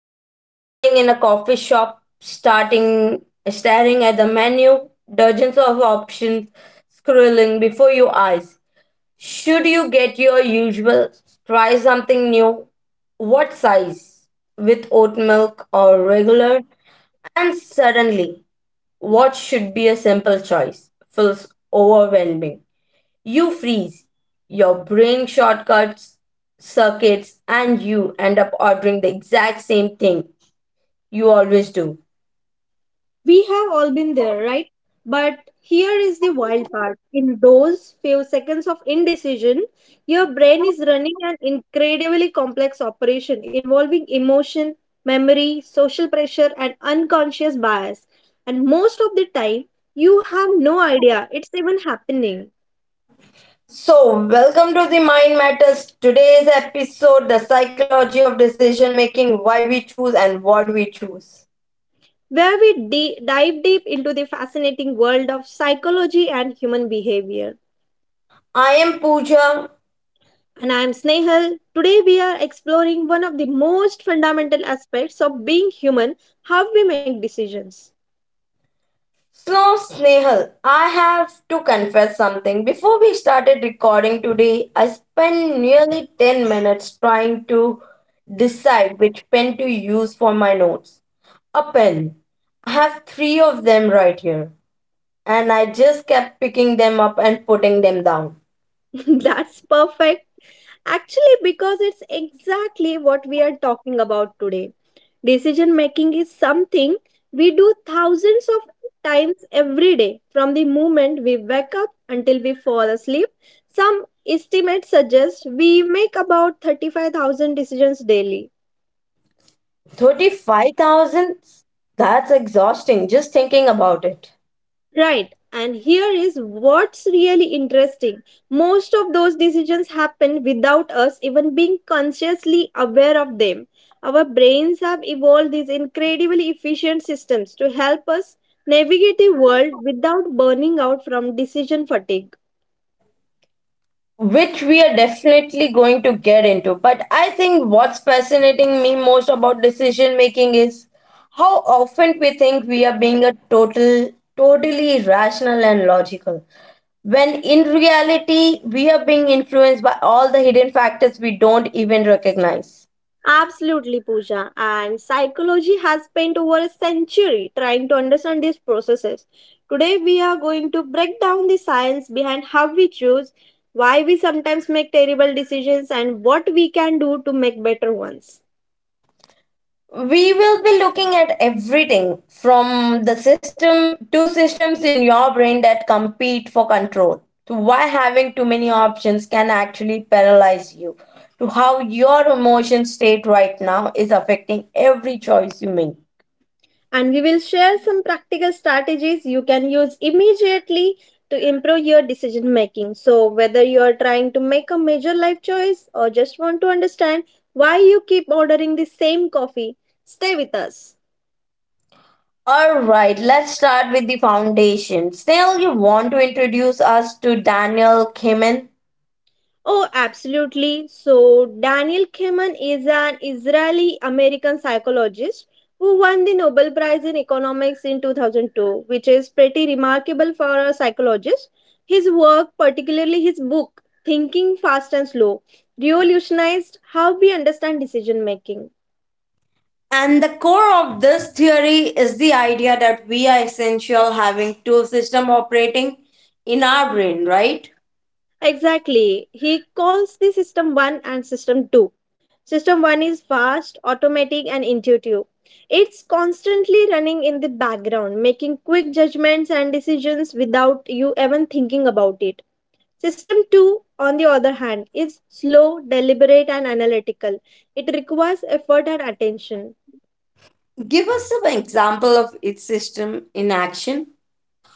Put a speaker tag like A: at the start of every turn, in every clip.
A: You are standing in a coffee shop, starting staring at the menu, dozens of options scrolling before your eyes. Should you get your usual, try something new? What size? With oat milk or regular? And suddenly, what should be a simple choice feels overwhelming. You freeze. Your brain shortcuts circuits and you end up ordering the exact same thing you always do.
B: We have all been there, right? But here is the wild part. In those few seconds of indecision, your brain is running an incredibly complex operation involving emotion, memory, social pressure, and unconscious bias. And most of the time, you have no idea it's even happening.
A: So, welcome to the Mind Matters. Today's episode: The Psychology of Decision Making, Why We Choose and What We Choose.
B: Where we dive deep into the fascinating world of psychology and human behavior.
A: I am Pooja.
B: And I am Snehal. Today we are exploring one of the most fundamental aspects of being human, how we make decisions.
A: So, Snehal, I have to confess something. Before we started recording today, I spent nearly 10 minutes trying to decide which pen to use for my notes. A pen. I have three of them right here. And I just kept picking them up and putting them down.
B: That's perfect. Actually, because it's exactly what we are talking about today. Decision making is something we do thousands of times every day from the moment we wake up until we fall asleep. Some estimates suggest we make about 35,000 decisions daily.
A: 35,000? That's exhausting just thinking about it.
B: Right. And here is what's really interesting. Most of those decisions happen without us even being consciously aware of them. Our brains have evolved these incredibly efficient systems to help us navigate the world without burning out from decision fatigue.
A: Which we are definitely going to get into. But I think what's fascinating me most about decision making is how often we think we are being totally rational and logical. When in reality, we are being influenced by all the hidden factors we don't even recognize.
B: Absolutely, Pooja. And psychology has spent over a century trying to understand these processes. Today, we are going to break down the science behind how we choose, why we sometimes make terrible decisions, and what we can do to make better ones.
A: We will be looking at everything from the system two systems in your brain that compete for control, to why having too many options can actually paralyze you, to how your emotion state right now is affecting every choice you make.
B: And we will share some practical strategies you can use immediately to improve your decision making. So, whether you are trying to make a major life choice or just want to understand why you keep ordering the same coffee, stay with us.
A: All right, let's start with the foundation. Still, you want to introduce us to Daniel Kimen?
B: Oh, absolutely. So, Daniel Kahneman is an Israeli American psychologist who won the Nobel Prize in Economics in 2002, which is pretty remarkable for a psychologist. His work, particularly his book, Thinking Fast and Slow, revolutionized how we understand decision making.
A: And the core of this theory is the idea that we are essential having two system operating in our brain, right?
B: Exactly. He calls the system 1 and system 2. System 1 is fast, automatic, and intuitive. It's constantly running in the background, making quick judgments and decisions without you even thinking about it. System 2, on the other hand, is slow, deliberate, and analytical. It requires effort and attention.
A: Give us some example of each system in action.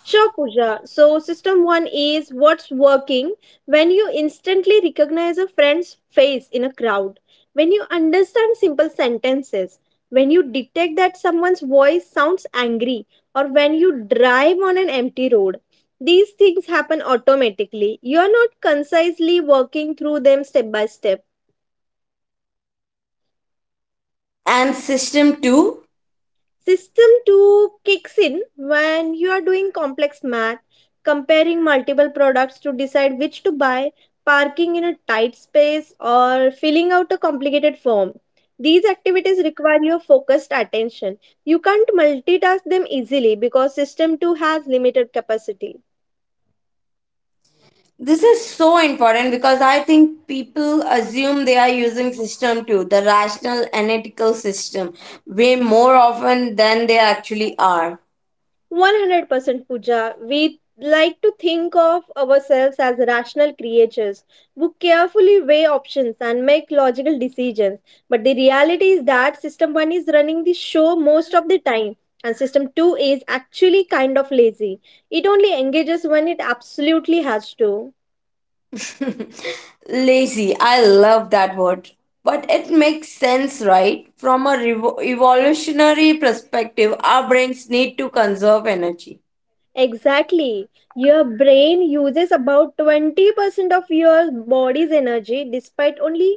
B: Sure, Pooja. So, system one is what's working when you instantly recognize a friend's face in a crowd, when you understand simple sentences, when you detect that someone's voice sounds angry, or when you drive on an empty road. These things happen automatically. You are not concisely working through them step by step.
A: And system two?
B: System 2 kicks in when you are doing complex math, comparing multiple products to decide which to buy, parking in a tight space, or filling out a complicated form. These activities require your focused attention. You can't multitask them easily because System 2 has limited capacity.
A: This is so important because I think people assume they are using system two, the rational analytical system, way more often than they actually are.
B: 100% Pooja. We like to think of ourselves as rational creatures who carefully weigh options and make logical decisions. But the reality is that System 1 is running the show most of the time, and System 2 is actually kind of lazy. It only engages when it absolutely has to.
A: Lazy, I love that word. But it makes sense, right? From a evolutionary perspective, our brains need to conserve energy.
B: Exactly. Your brain uses about 20% of your body's energy despite only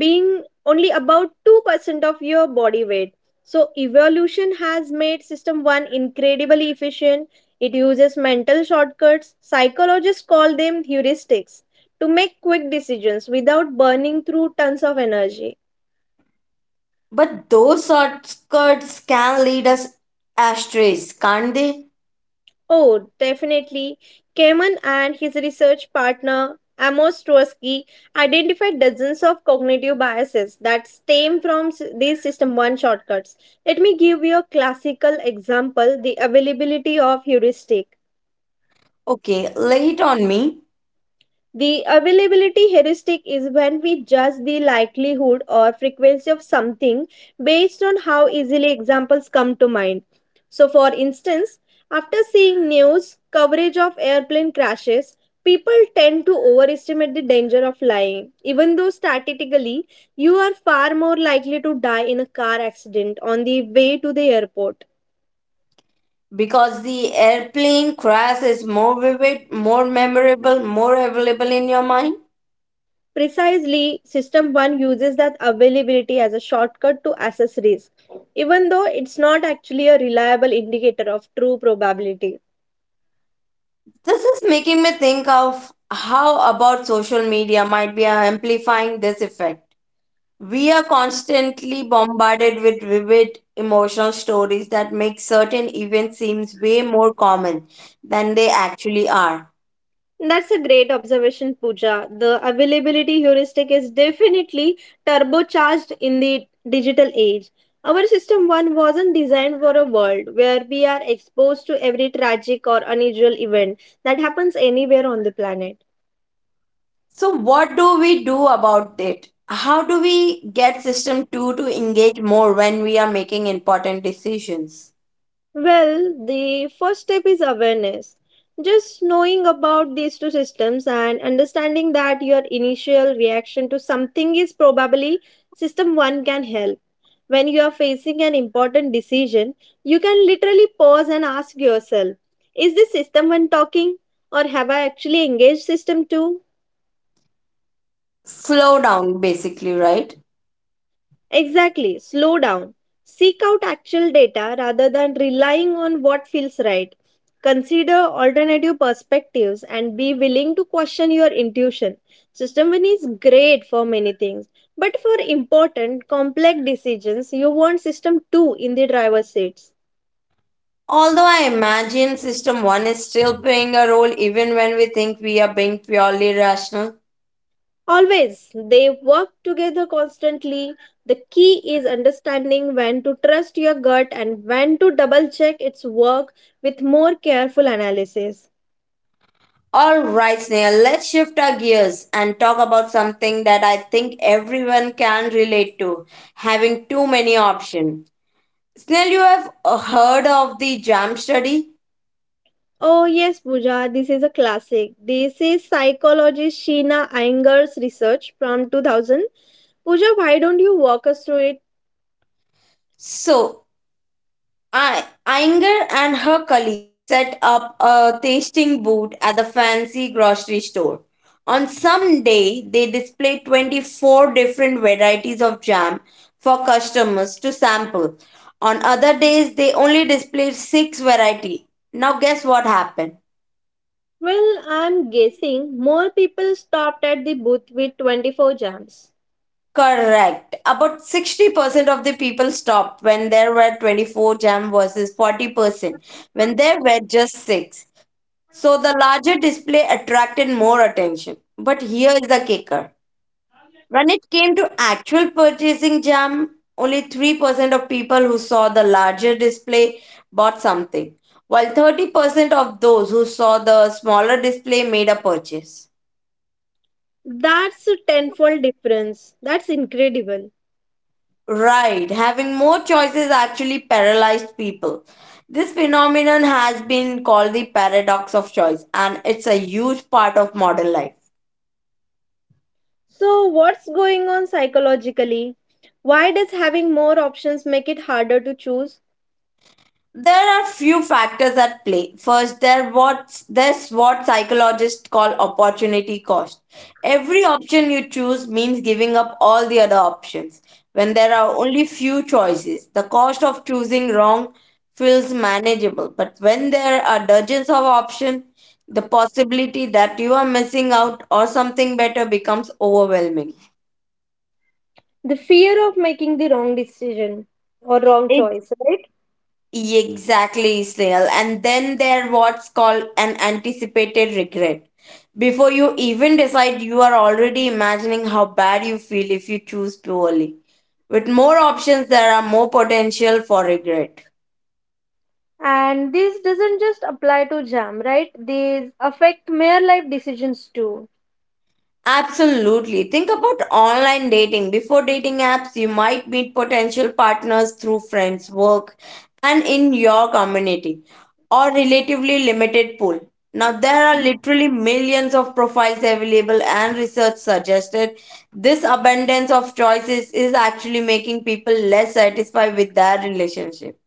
B: being only about 2% of your body weight. So, evolution has made System 1 incredibly efficient. It uses mental shortcuts, psychologists call them heuristics, to make quick decisions without burning through tons of energy.
A: But those shortcuts can lead us ashtrays, can't they?
B: Oh, definitely. Kamen and his research partner Amos Tversky identified dozens of cognitive biases that stem from these System 1 shortcuts. Let me give you a classical example, the availability of heuristic.
A: Okay, lay it on me.
B: The availability heuristic is when we judge the likelihood or frequency of something based on how easily examples come to mind. So, for instance, after seeing news coverage of airplane crashes, people tend to overestimate the danger of flying, even though statistically you are far more likely to die in a car accident on the way to the airport.
A: Because the airplane crash is more vivid, more memorable, more available in your mind.
B: Precisely, System 1 uses that availability as a shortcut to assess risk, even though it's not actually a reliable indicator of true probability.
A: This is making me think of how about social media might be amplifying this effect. We are constantly bombarded with vivid emotional stories that make certain events seem way more common than they actually are.
B: That's a great observation, Pooja. The availability heuristic is definitely turbocharged in the digital age. Our System 1 wasn't designed for a world where we are exposed to every tragic or unusual event that happens anywhere on the planet.
A: So what do we do about it? How do we get system 2 to engage more when we are making important decisions?
B: Well, the first step is awareness. Just knowing about these two systems and understanding that your initial reaction to something is probably system 1 can help. When you are facing an important decision, you can literally pause and ask yourself, is this system 1 talking? Or have I actually engaged system 2?
A: Slow down basically, right?
B: Exactly. Slow down. Seek out actual data rather than relying on what feels right. Consider alternative perspectives and be willing to question your intuition. System 1 is great for many things, but for important, complex decisions, you want System 2 in the driver's seats.
A: Although I imagine system 1 is still playing a role even when we think we are being purely rational.
B: Always, they work together constantly. The key is understanding when to trust your gut and when to double check its work with more careful analysis.
A: All right, Snail, let's shift our gears and talk about something that I think everyone can relate to: having too many options. Snail, you have heard of the jam study?
B: Oh, yes, Pooja, this is a classic. This is psychologist Sheena Iyengar's research from 2000. Pooja, why don't you walk us through it?
A: So, I, Inger and her colleague set up a tasting booth at the fancy grocery store. On some day, they displayed 24 different varieties of jam for customers to sample. On other days, they only displayed 6 variety. Now guess what happened?
B: Well, I'm guessing more people stopped at the booth with 24 jams.
A: Correct. About 60% of the people stopped when there were 24 jam versus 40% when there were just 6. So the larger display attracted more attention. But here is the kicker. When it came to actual purchasing jam, only 3% of people who saw the larger display bought something, while 30% of those who saw the smaller display made a purchase.
B: That's a tenfold difference. That's incredible.
A: Right, having more choices actually paralyzed people. This phenomenon has been called the paradox of choice, and it's a huge part of modern life.
B: So, what's going on psychologically? Why does having more options make it harder to choose?
A: There are few factors at play. First, there's what psychologists call opportunity cost. Every option you choose means giving up all the other options. When there are only few choices, the cost of choosing wrong feels manageable. But when there are dozens of options, the possibility that you are missing out or something better becomes overwhelming.
B: The fear of making the wrong decision, or wrong choice, right?
A: Exactly, Snail. And then there what's called an anticipated regret. Before you even decide, you are already imagining how bad you feel if you choose poorly. With more options, there are more potential for regret.
B: And this doesn't just apply to jam, right? These affect mere life decisions too.
A: Absolutely. Think about online dating. Before dating apps, you might meet potential partners through friends, work, and in your community, or relatively limited pool. Now, there are literally millions of profiles available, and research suggested this abundance of choices is actually making people less satisfied with their relationship.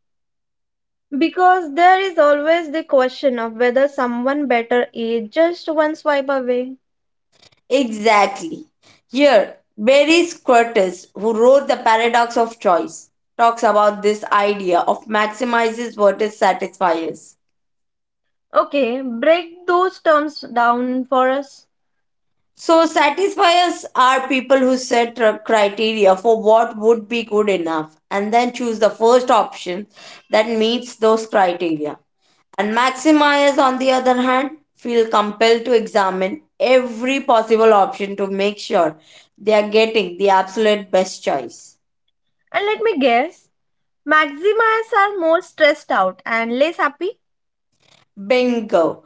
B: Because there is always the question of whether someone better is just one swipe away.
A: Exactly. Here, Barry Squirtus, who wrote The Paradox of Choice, talks about this idea of maximizes versus satisfiers.
B: Okay, break those terms down for us.
A: So, satisfiers are people who set criteria for what would be good enough and then choose the first option that meets those criteria. And maximizers, on the other hand, feel compelled to examine every possible option to make sure they are getting the absolute best choice.
B: And let me guess, Maximas are more stressed out and less happy.
A: Bingo.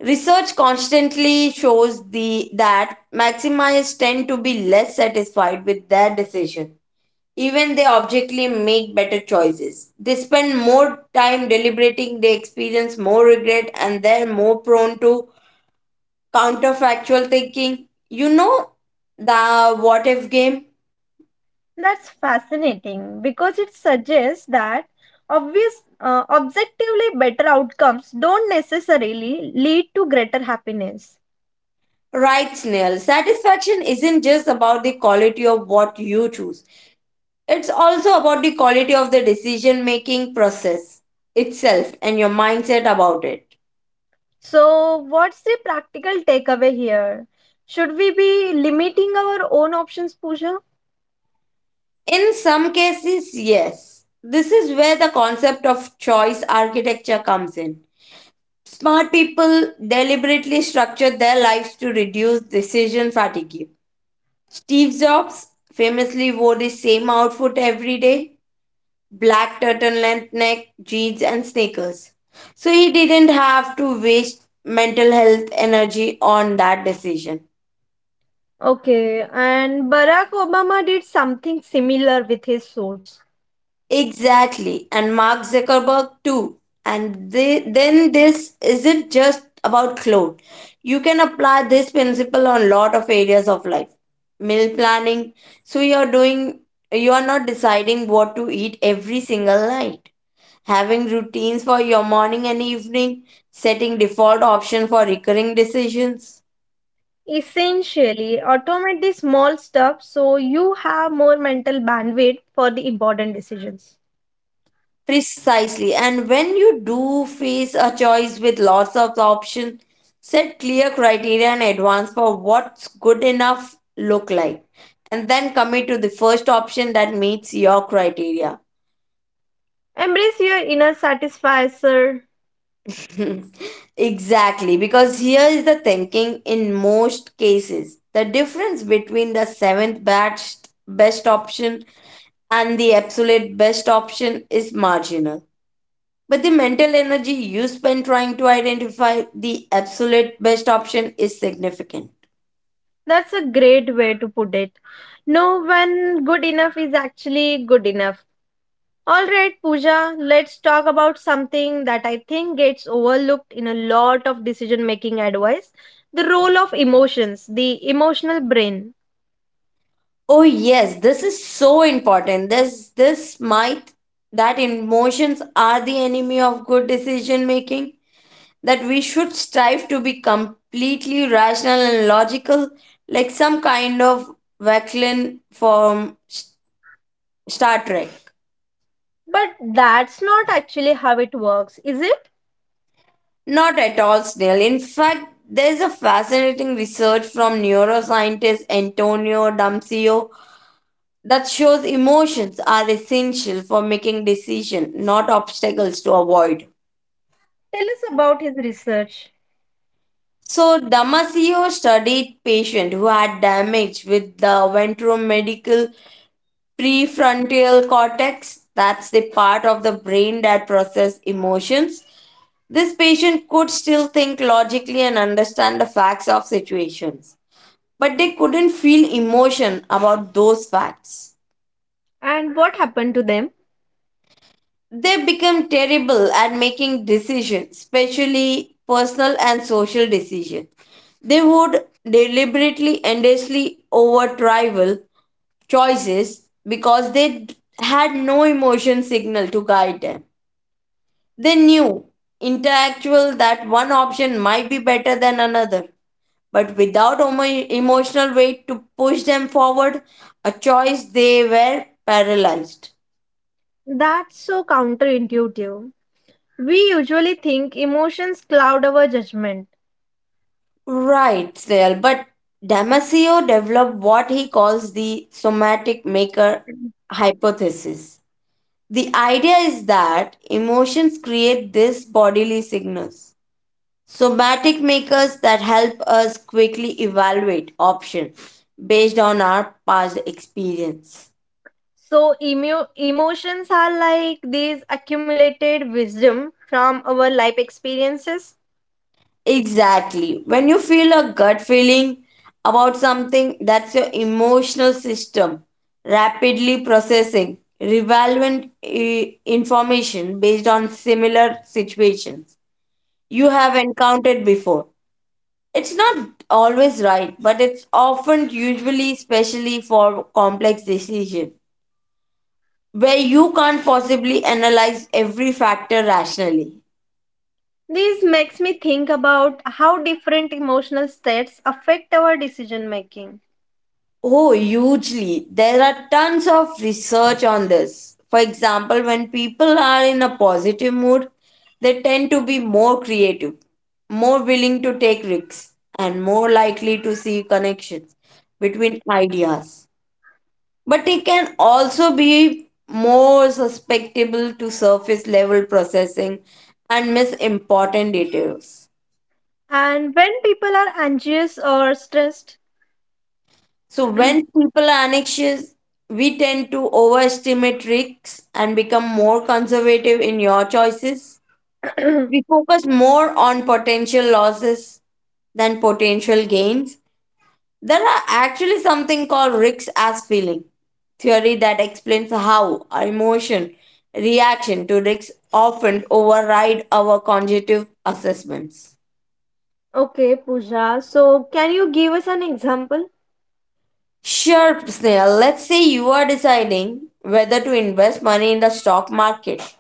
A: Research constantly shows the that maximize tend to be less satisfied with their decision. Even they objectively make better choices. They spend more time deliberating, they experience more regret, and they're more prone to counterfactual thinking. You know, the what if game?
B: That's fascinating because it suggests that obvious, objectively better outcomes don't necessarily lead to greater happiness.
A: Right, Snail. Satisfaction isn't just about the quality of what you choose. It's also about the quality of the decision making process itself and your mindset about it.
B: So, what's the practical takeaway here? Should we be limiting our own options, Pooja?
A: In some cases, yes. This is where the concept of choice architecture comes in. Smart people deliberately structure their lives to reduce decision fatigue. Steve Jobs famously wore the same outfit every day: black turtleneck, neck, jeans, and sneakers. So he didn't have to waste mental health energy on that decision.
B: Okay, and Barack Obama did something similar with his suits.
A: Exactly. And Mark Zuckerberg too. And they, then this isn't just about clone. You can apply this principle on lot of areas of life. Meal planning. So you're doing you're not deciding what to eat every single night. Having routines for your morning and evening, setting default option for recurring decisions.
B: Essentially, automate the small stuff so you have more mental bandwidth for the important decisions.
A: Precisely. And when you do face a choice with lots of options, set clear criteria in advance for what's good enough look like. And then commit to the first option that meets your criteria.
B: Embrace your inner satisfier.
A: Exactly. Because here is the thinking in most cases. The difference between the best option and the absolute best option is marginal. But the mental energy you spend trying to identify the absolute best option is significant.
B: That's a great way to put it. Know when good enough is actually good enough. All right, Pooja, let's talk about something that I think gets overlooked in a lot of decision making advice, the role of emotions, the emotional brain.
A: Oh yes, this is so important. This might that emotions are the enemy of good decision making, that we should strive to be completely rational and logical, like some kind of Vaclin from Star Trek.
B: But that's not actually how it works, is it?
A: Not at all, Snail. In fact, there's a fascinating research from neuroscientist Antonio Damsio that shows emotions are essential for making decisions, not obstacles to avoid.
B: Tell us about his research
A: So, Damasio studied patients who had damage with the ventromedical prefrontal cortex. That's the part of the brain that processes emotions. This patient could still think logically and understand the facts of situations, but they couldn't feel emotion about those facts.
B: and what happened to them.
A: They become terrible at making decisions, especially personal and social decisions. They would deliberately, endlessly over trivial choices because they had no emotion signal to guide them. They knew intellectual that one option might be better than another, but without emotional weight to push them forward, a choice they were paralyzed.
B: That's so counterintuitive. We usually think emotions cloud our judgment.
A: Right, Snail, but Damasio developed what he calls the somatic maker hypothesis. The idea is that emotions create these bodily signals, somatic makers that help us quickly evaluate options based on our past experience.
B: So emotions are like these accumulated wisdom from our life experiences.
A: Exactly. When you feel a gut feeling about something, that's your emotional system rapidly processing relevant information based on similar situations you have encountered before. It's not always right, but it's often usually especially for complex decision where you can't possibly analyze every factor rationally.
B: This makes me think about how different emotional states affect our decision making
A: Oh, hugely. There are tons of research on this. For example, when people are in a positive mood, they tend to be more creative, more willing to take risks, and more likely to see connections between ideas. But it can also be more susceptible to surface level processing and miss important details.
B: and when people are anxious or stressed.
A: So when people are anxious, we tend to overestimate risks and become more conservative in your choices. We focus more on potential losses than potential gains. There are actually something called risks as feeling theory that explains how our emotion reaction to risks often override our cognitive assessments.
B: Okay, Pooja, so can you give us an example?
A: Sure, Snail. Let's say you are deciding whether to invest money in the stock market.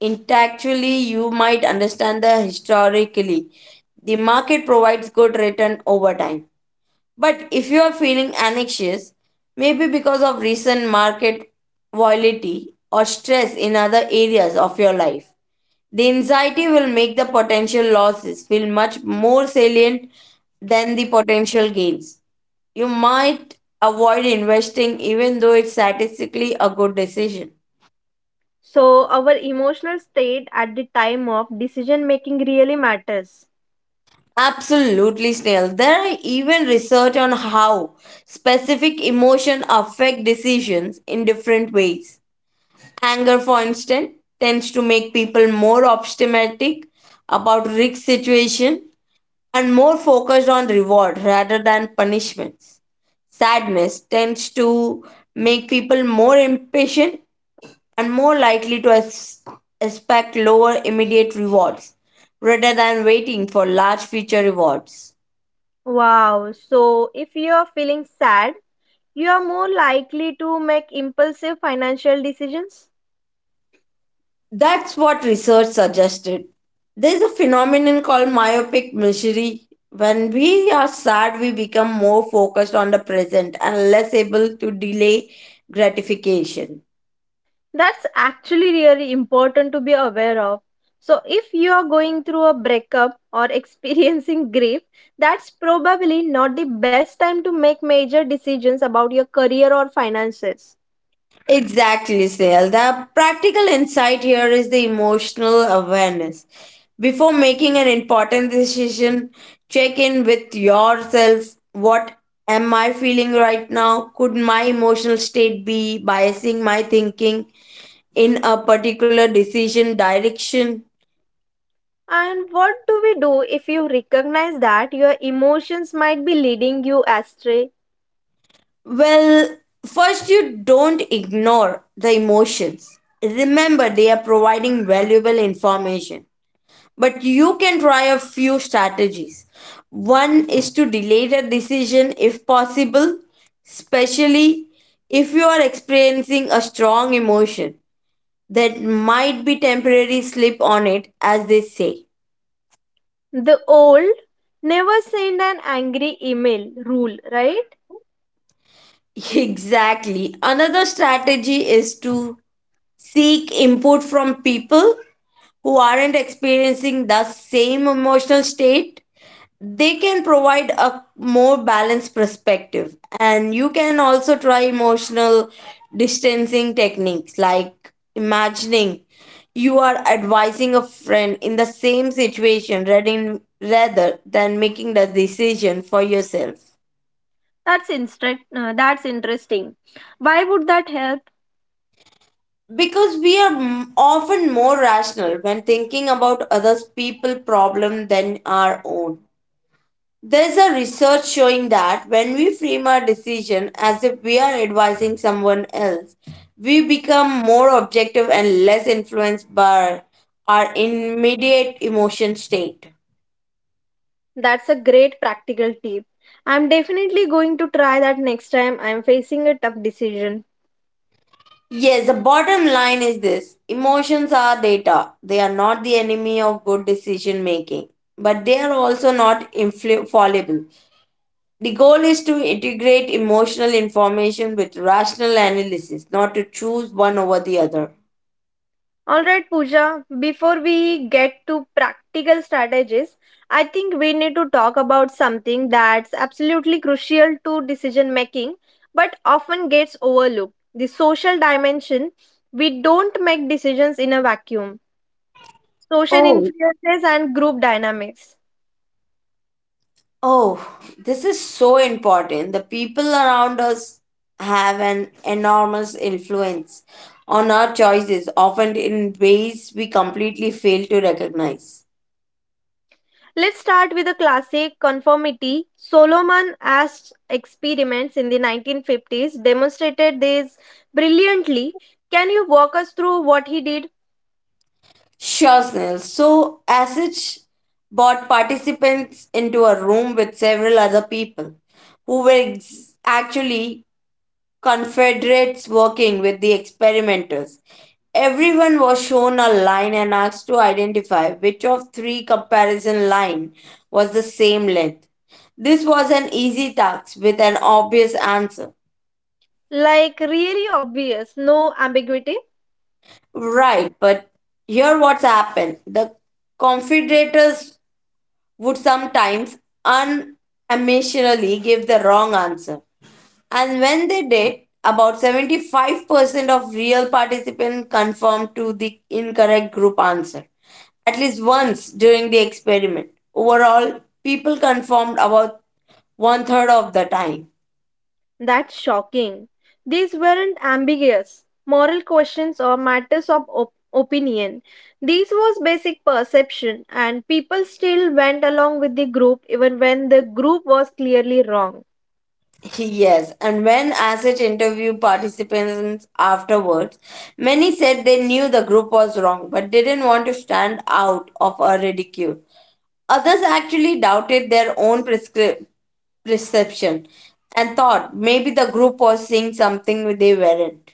A: Intellectually, you might understand the historically. The market provides good return over time. But if you are feeling anxious, maybe because of recent market volatility or stress in other areas of your life, the anxiety will make the potential losses feel much more salient than the potential gains. You might avoid investing even though it's statistically a good decision.
B: So, our emotional state at the time of decision making really matters.
A: Absolutely, Snail. There are even research on how specific emotion affect decisions in different ways. Anger, for instance, tends to make people more optimistic about risk situation and more focused on reward rather than punishments. Sadness tends to make people more impatient and more likely to expect lower immediate rewards rather than waiting for large future rewards.
B: Wow, so if you are feeling sad, you are more likely to make impulsive financial decisions.
A: That's what research suggested. There's a phenomenon called myopic misery. When we are sad, we become more focused on the present and less able to delay gratification.
B: That's actually really important to be aware of. So, if you are going through a breakup or experiencing grief, that's probably not the best time to make major decisions about your career or finances.
A: Exactly, Snail. The practical insight here is the emotional awareness. Before making an important decision, check in with yourself. What am I feeling right now? Could my emotional state be biasing my thinking in a particular decision direction?
B: And what do we do if you recognize that your emotions might be leading you astray?
A: Well, first, you don't ignore the emotions. Remember, they are providing valuable information. But you can try a few strategies. One is to delay the decision if possible, especially if you are experiencing a strong emotion. That might be temporary slip on it, as they say.
B: The old never send an angry email rule, right?
A: Exactly. Another strategy is to seek input from people who aren't experiencing the same emotional state. They can provide a more balanced perspective, and you can also try emotional distancing techniques like imagining you are advising a friend in the same situation rather than making the decision for yourself,
B: That's interesting. Why would that help?
A: because we are often more rational when thinking about others people problem than our own. There is a research showing that when we frame our decision as if we are advising someone else, we become more objective and less influenced by our immediate emotion state.
B: That's a great practical tip. I'm definitely going to try that next time I'm facing a tough decision.
A: Yes, the bottom line is this: emotions are data. They are not the enemy of good decision making, but they are also not fallible. The goal is to integrate emotional information with rational analysis, not to choose one over the other.
B: Alright, Pooja, before we get to practical strategies, I think we need to talk about something that's absolutely crucial to decision making but often gets overlooked, the social dimension. We don't make decisions in a vacuum. Social
A: Oh,
B: influences and group dynamics.
A: Oh, this is so important. The people around us have an enormous influence on our choices, often in ways we completely fail to recognize.
B: Let's start with a classic conformity. Solomon Asch experiments in the 1950s demonstrated this brilliantly. Can you walk us through what he did?
A: Sure, Snell. So, Asich brought participants into a room with several other people who were actually Confederates working with the experimenters. Everyone was shown a line and asked to identify which of three comparison line was the same length. This was an easy task with an obvious answer.
B: Like, really obvious, no ambiguity?
A: Right, but here what's happened. The Confederates would sometimes unamitionally give the wrong answer. And when they did, about 75% of real participants confirmed to the incorrect group answer at least once during the experiment. Overall, people confirmed about one third of the time.
B: That's shocking. These weren't ambiguous moral questions or matters of opinion. These was basic perception, and people still went along with the group even when the group was clearly wrong.
A: Yes, and when ASIC interviewed participants afterwards, many said they knew the group was wrong but didn't want to stand out of a ridicule. Others actually doubted their own perception and thought maybe the group was seeing something they weren't.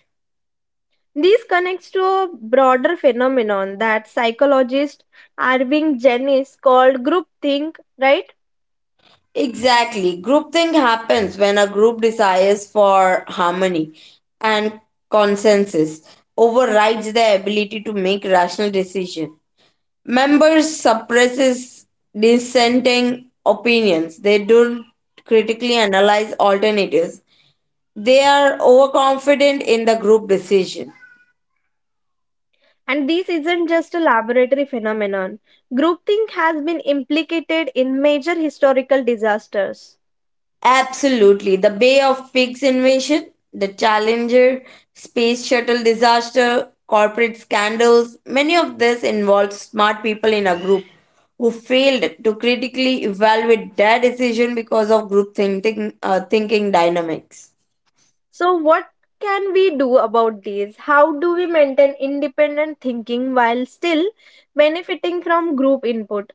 B: This connects to a broader phenomenon that psychologist Irving Janis called groupthink, right?
A: Exactly. Groupthink happens when a group desires for harmony and consensus overrides their ability to make rational decision. Members suppresses dissenting opinions. They don't critically analyze alternatives. They are overconfident in the group decision.
B: And this isn't just a laboratory phenomenon. Groupthink has been implicated in major historical disasters.
A: Absolutely. The Bay of Pigs invasion, the Challenger space shuttle disaster, corporate scandals, many of this involved smart people in a group who failed to critically evaluate their decision because of group thinking, thinking dynamics.
B: So, what can we do about these? How do we maintain independent thinking while still benefiting from group input?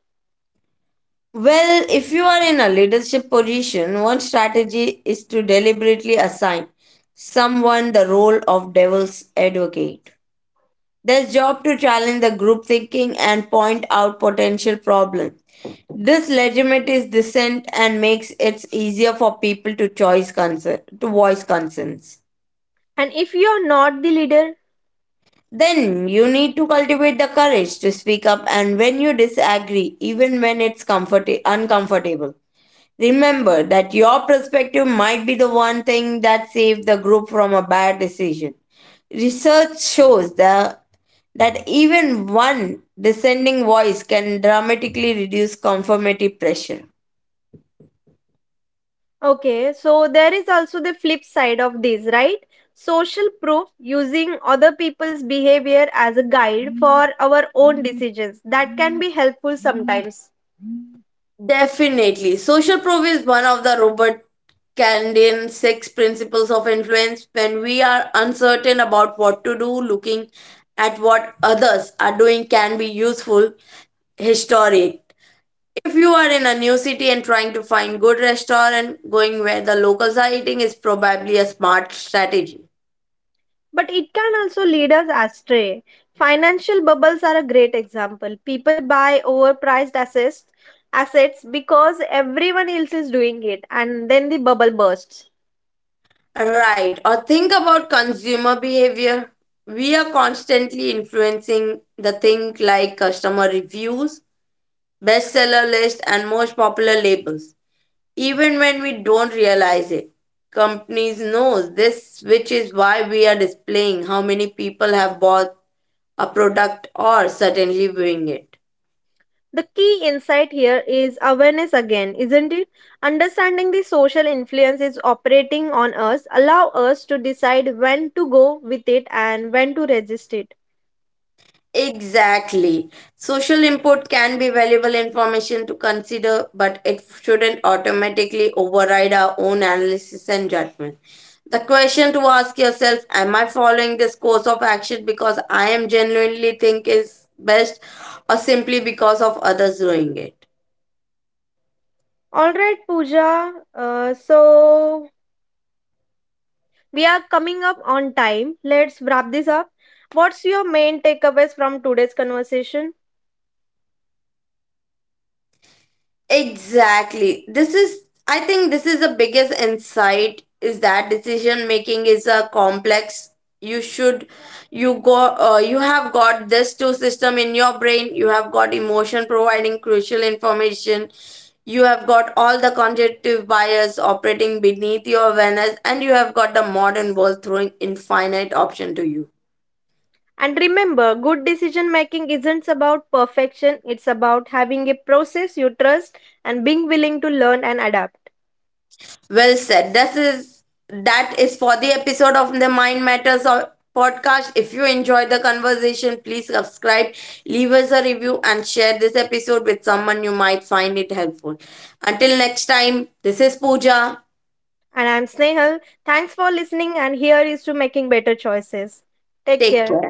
A: Well, if you are in a leadership position, one strategy is to deliberately assign someone the role of devil's advocate. Their job to challenge the group thinking and point out potential problems. This legitimizes dissent and makes it easier for people to choice concern, to voice concerns.
B: And if you're not the leader.
A: Then you need to cultivate the courage to speak up and when you disagree, even when it's uncomfortable. Remember that your perspective might be the one thing that saved the group from a bad decision. Research shows the that even one descending voice can dramatically reduce conformity pressure.
B: Okay, so there is also the flip side of this, right? Social proof, using other people's behavior as a guide for our own decisions. That can be helpful sometimes,
A: Definitely. Social proof is one of the Robert Kandian six principles of influence. When we are uncertain about what to do, looking at what others are doing can be useful. Historic. If you are in a new city and trying to find good restaurant, going where the locals are eating is probably a smart strategy.
B: but it can also lead us astray. Financial bubbles are a great example. People buy overpriced assets because everyone else is doing it, and then the bubble bursts.
A: Right. Or think about consumer behavior. We are constantly influencing the thing like customer reviews, bestseller list, and most popular labels, even when we don't realize it. Companies knows this, which is why we are displaying how many people have bought a product or certainly viewing it.
B: The key insight here is awareness again, isn't it? Understanding the social influences operating on us allow us to decide when to go with it and when to resist it.
A: Exactly. Social input can be valuable information to consider, but it shouldn't automatically override our own analysis and judgment. The question to ask yourself, am I following this course of action because I am genuinely think is best, or simply because of others doing it?
B: All right, Pooja. So we are coming up on time. Let's wrap this up. What's your main takeaways from today's conversation?
A: Exactly. This is the biggest insight is that decision making is a complex. You should, you go, you have got this two system in your brain. You have got emotion providing crucial information. You have got all the cognitive bias operating beneath your awareness, and you have got the modern world throwing infinite option to you.
B: And remember, good decision making isn't about perfection. It's about having a process you trust and being willing to learn and adapt.
A: Well said. This is that is for the episode of the Mind Matters podcast. If you enjoyed the conversation, please subscribe, leave us a review, and share this episode with someone you might find it helpful. Until next time, this is Pooja.
B: And I'm Snehal. Thanks for listening, and here is to making better choices. Take
A: Take
B: care.
A: care.